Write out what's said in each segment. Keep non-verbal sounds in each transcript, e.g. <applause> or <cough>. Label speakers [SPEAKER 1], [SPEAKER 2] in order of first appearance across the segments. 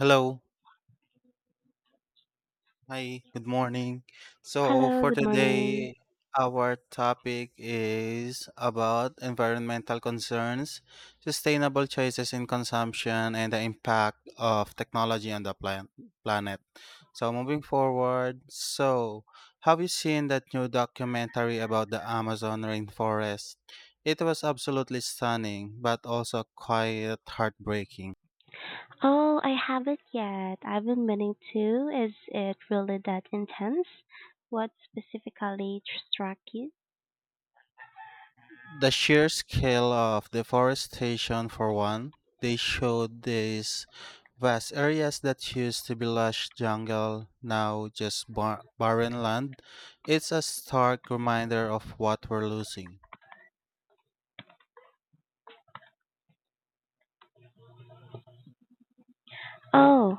[SPEAKER 1] Hello. Hi. Good morning. So
[SPEAKER 2] Hello,
[SPEAKER 1] for
[SPEAKER 2] good morning.
[SPEAKER 1] today, our topic is about environmental concerns, sustainable choices in consumption, and the impact of technology on the planet. So moving forward, have you seen that new documentary about the Amazon rainforest? It was absolutely stunning, but also quite heartbreaking.
[SPEAKER 2] Oh, I haven't yet. I've been meaning to. Is it really that intense? What specifically struck you?
[SPEAKER 1] The sheer scale of deforestation, for one, they showed these vast areas that used to be lush jungle, now just barren land. It's a stark reminder of what we're losing.
[SPEAKER 2] Oh,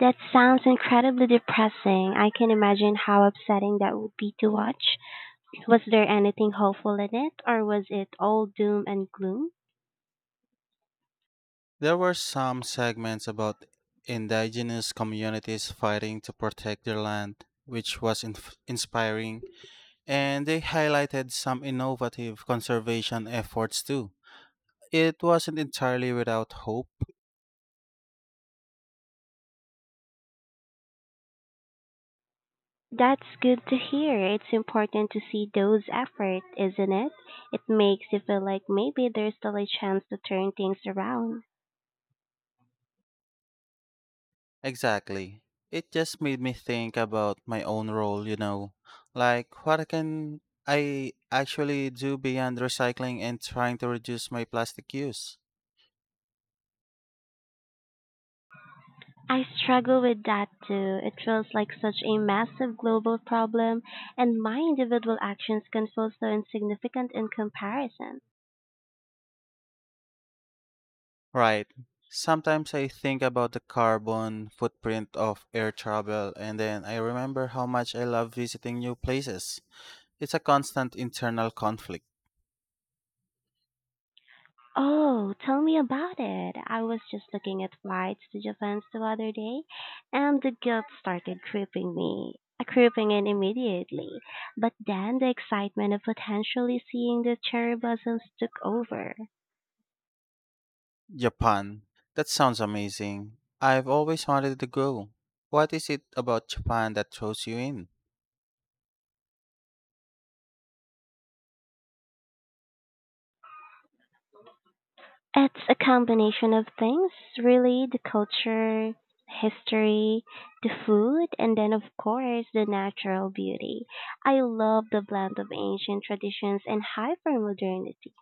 [SPEAKER 2] that sounds incredibly depressing. I can imagine how upsetting that would be to watch. Was there anything hopeful in it, or was it all doom and gloom?
[SPEAKER 1] There were some segments about indigenous communities fighting to protect their land, which was inspiring, and they highlighted some innovative conservation efforts too. It wasn't entirely without hope.
[SPEAKER 2] That's good to hear. It's important to see those efforts, isn't it? It makes you feel like maybe there's still a chance to turn things around.
[SPEAKER 1] Exactly. It just made me think about my own role, Like, what can I actually do beyond recycling and trying to reduce my plastic use?
[SPEAKER 2] I struggle with that too. It feels like such a massive global problem, and my individual actions can feel so insignificant in comparison.
[SPEAKER 1] Right. Sometimes I think about the carbon footprint of air travel, and then I remember how much I love visiting new places. It's a constant internal conflict.
[SPEAKER 2] Oh, tell me about it. I was just looking at flights to Japan the other day, and the guilt started creeping in immediately. But then the excitement of potentially seeing the cherry blossoms took over.
[SPEAKER 1] Japan. That sounds amazing. I've always wanted to go. What is it about Japan that throws you in?
[SPEAKER 2] It's a combination of things, really, the culture, history, the food, and then of course the natural beauty. I love the blend of ancient traditions and hypermodernity.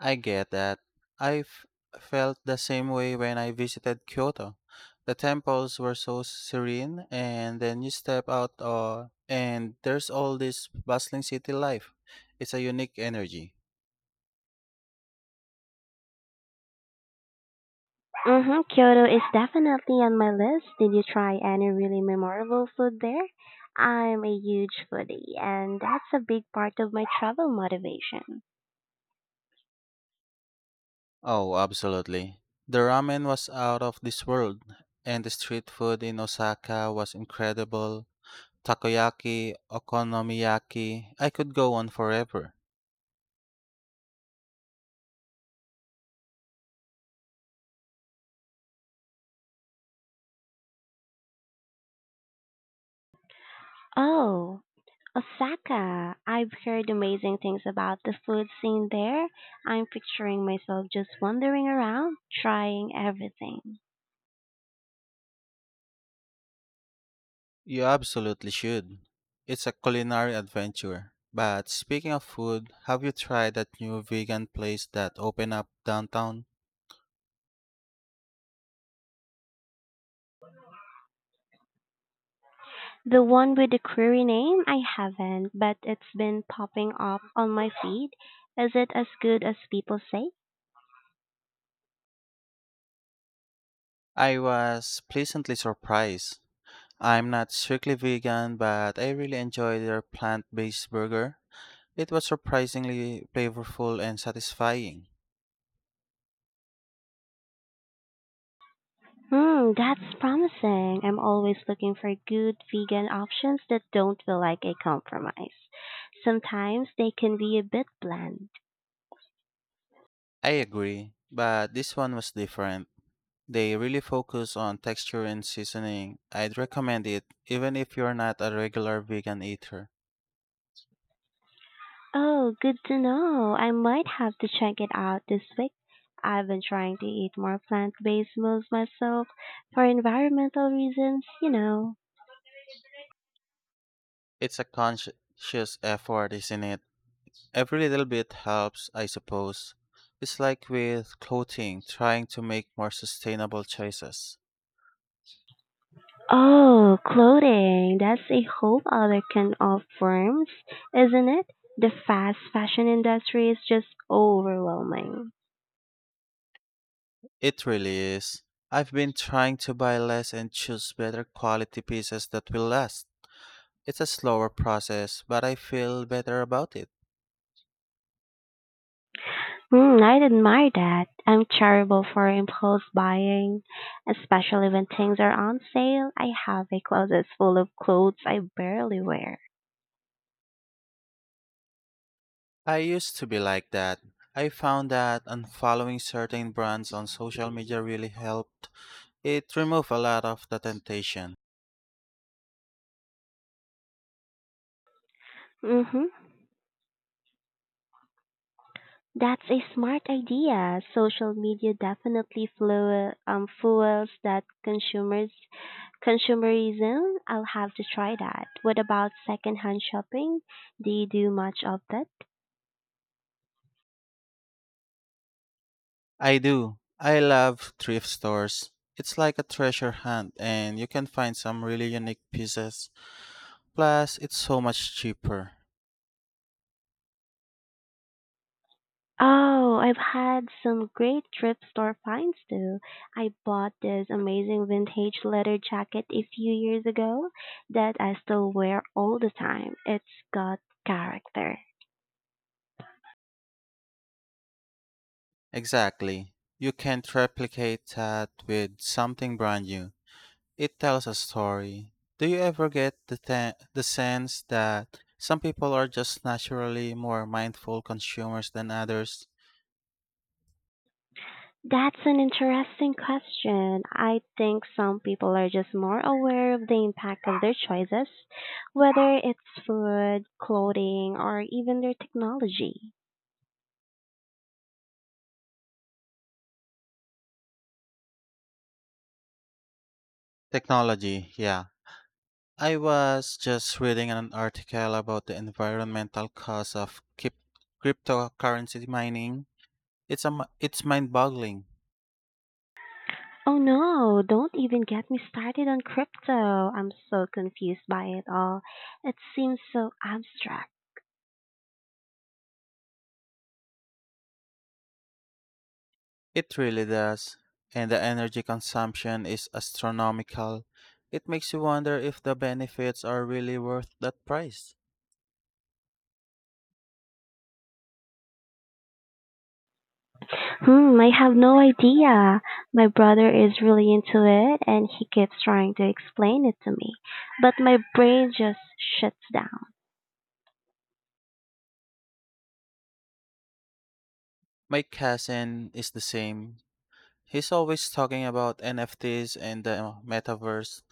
[SPEAKER 1] I get that. I've felt the same way when I visited Kyoto. The temples were so serene, and then you step out and there's all this bustling city life. It's a unique energy.
[SPEAKER 2] Mhm, Kyoto is definitely on my list. Did you try any really memorable food there? I'm a huge foodie, and that's a big part of my travel motivation.
[SPEAKER 1] Oh, absolutely. The ramen was out of this world, and the street food in Osaka was incredible. Takoyaki, okonomiyaki, I could go on forever.
[SPEAKER 2] Oh, Osaka. I've heard amazing things about the food scene there. I'm picturing myself just wandering around, trying everything.
[SPEAKER 1] You absolutely should. It's a culinary adventure. But speaking of food, have you tried that new vegan place that opened up downtown?
[SPEAKER 2] The one with the query name, I haven't, but it's been popping up on my feed. Is it as good as people say?
[SPEAKER 1] I was pleasantly surprised. I'm not strictly vegan, but I really enjoyed their plant based burger. It was surprisingly flavorful and satisfying.
[SPEAKER 2] Hmm, that's promising. I'm always looking for good vegan options that don't feel like a compromise. Sometimes they can be a bit bland.
[SPEAKER 1] I agree, but this one was different. They really focus on texture and seasoning. I'd recommend it, even if you're not a regular vegan eater.
[SPEAKER 2] Oh, good to know. I might have to check it out this week. I've been trying to eat more plant-based meals myself for environmental reasons, you know.
[SPEAKER 1] It's a conscious effort, isn't it? Every little bit helps, I suppose. It's like with clothing, trying to make more sustainable choices.
[SPEAKER 2] Oh, clothing. That's a whole other can of worms, isn't it? The fast fashion industry is just overwhelming.
[SPEAKER 1] It really is. I've been trying to buy less and choose better quality pieces that will last. It's a slower process, but I feel better about it.
[SPEAKER 2] Hmm, I'd admire that. I'm terrible for impulse buying, especially when things are on sale. I have a closet full of clothes I barely wear.
[SPEAKER 1] I used to be like that. I found that unfollowing certain brands on social media really helped. It removed a lot of the temptation.
[SPEAKER 2] Mm-hmm. That's a smart idea. Social media definitely fuels that consumers consumerism. I'll have to try that. What about secondhand shopping? Do you do much of that?
[SPEAKER 1] I do. I love thrift stores. It's like a treasure hunt and you can find some really unique pieces. Plus, it's so much cheaper.
[SPEAKER 2] Oh, I've had some great thrift store finds too. I bought this amazing vintage leather jacket a few years ago that I still wear all the time. It's got character.
[SPEAKER 1] Exactly. You can't replicate that with something brand new. It tells a story. Do you ever get the sense that some people are just naturally more mindful consumers than others?
[SPEAKER 2] That's an interesting question. I think some people are just more aware of the impact of their choices, whether it's food, clothing, or even their technology.
[SPEAKER 1] Technology, yeah. I was just reading an article about the environmental cost of cryptocurrency mining. It's it's mind-boggling.
[SPEAKER 2] Oh no, don't even get me started on crypto. I'm so confused by it all. It seems so abstract.
[SPEAKER 1] It really does, and the energy consumption is astronomical. It makes you wonder if the benefits are really worth that price.
[SPEAKER 2] Hmm, I have no idea. My brother is really into it and he keeps trying to explain it to me, but my brain just shuts down.
[SPEAKER 1] My cousin is the same. He's always talking about NFTs and the metaverse.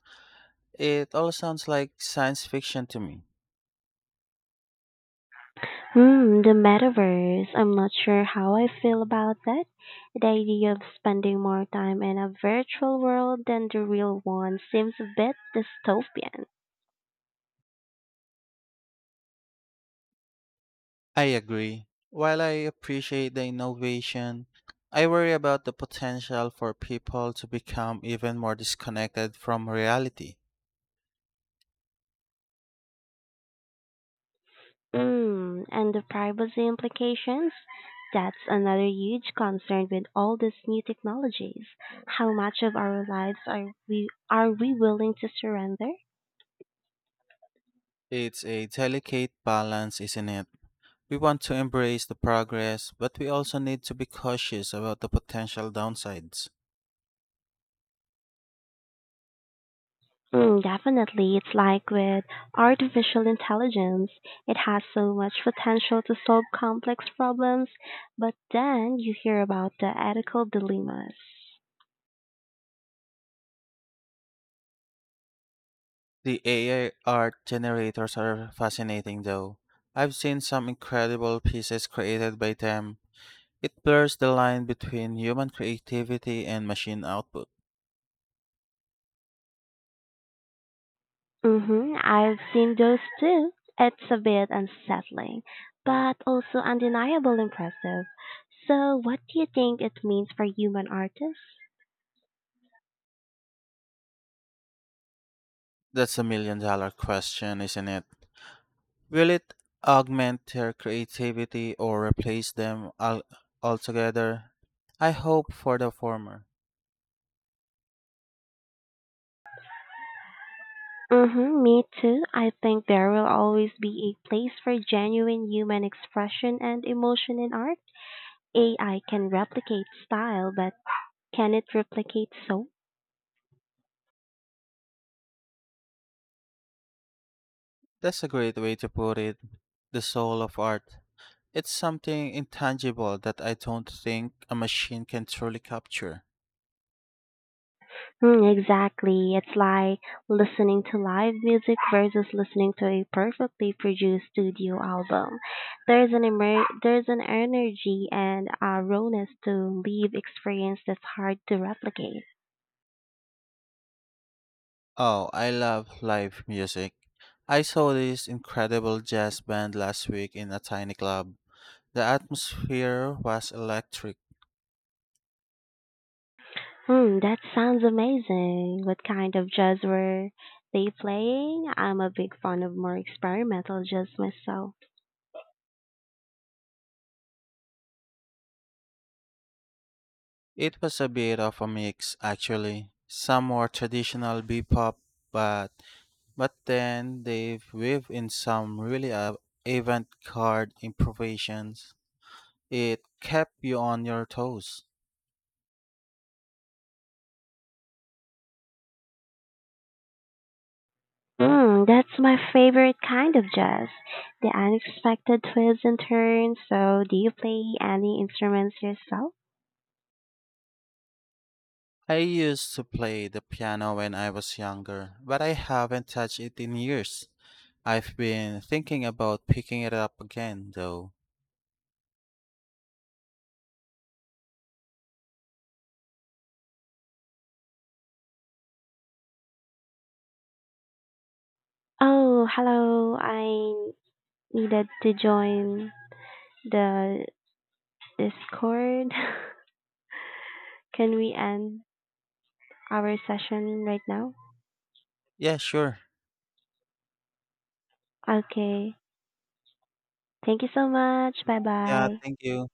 [SPEAKER 1] It all sounds like science fiction to me.
[SPEAKER 2] Hmm, the metaverse. I'm not sure how I feel about that. The idea of spending more time in a virtual world than the real one seems a bit dystopian.
[SPEAKER 1] I agree. While I appreciate the innovation, I worry about the potential for people to become even more disconnected from reality.
[SPEAKER 2] Hmm, and the privacy implications? That's another huge concern with all these new technologies. How much of our lives are we willing to surrender?
[SPEAKER 1] It's a delicate balance, isn't it? We want to embrace the progress, but we also need to be cautious about the potential downsides.
[SPEAKER 2] Mm, definitely. It's like with artificial intelligence, it has so much potential to solve complex problems, but then you hear about the ethical dilemmas.
[SPEAKER 1] The AI art generators are fascinating though. I've seen some incredible pieces created by them. It blurs the line between human creativity and machine output.
[SPEAKER 2] Mm-hmm. I've seen those too. It's a bit unsettling, but also undeniable impressive. So, what do you think it means for human artists?
[SPEAKER 1] That's a million dollar question, isn't it? Will it augment their creativity or replace them altogether? I hope for the former.
[SPEAKER 2] Mm-hmm, me too. I think there will always be a place for genuine human expression and emotion in art. AI can replicate style, but can it replicate soul?
[SPEAKER 1] That's a great way to put it. The soul of art. It's something intangible that I don't think a machine can truly capture.
[SPEAKER 2] Mm, exactly. It's like listening to live music versus listening to a perfectly produced studio album. There's an energy and a rawness to live experience that's hard to replicate.
[SPEAKER 1] Oh, I love live music. I saw this incredible jazz band last week in a tiny club. The atmosphere was electric.
[SPEAKER 2] Hmm, that sounds amazing. What kind of jazz were they playing? I'm a big fan of more experimental jazz myself.
[SPEAKER 1] It was a bit of a mix, actually. Some more traditional bebop, but then they've weaved in some really avant-garde improvisations. It kept you on your toes.
[SPEAKER 2] Mm, that's my favorite kind of jazz, the unexpected twists and turns. So, do you play any instruments yourself?
[SPEAKER 1] I used to play the piano when I was younger, but I haven't touched it in years. I've been thinking about picking it up again, though.
[SPEAKER 2] Oh, hello. I needed to join the Discord. <laughs> Can we end our session right now?
[SPEAKER 1] Yeah, sure.
[SPEAKER 2] Okay. Thank you so much. Bye
[SPEAKER 1] Yeah,
[SPEAKER 2] bye.
[SPEAKER 1] thank you.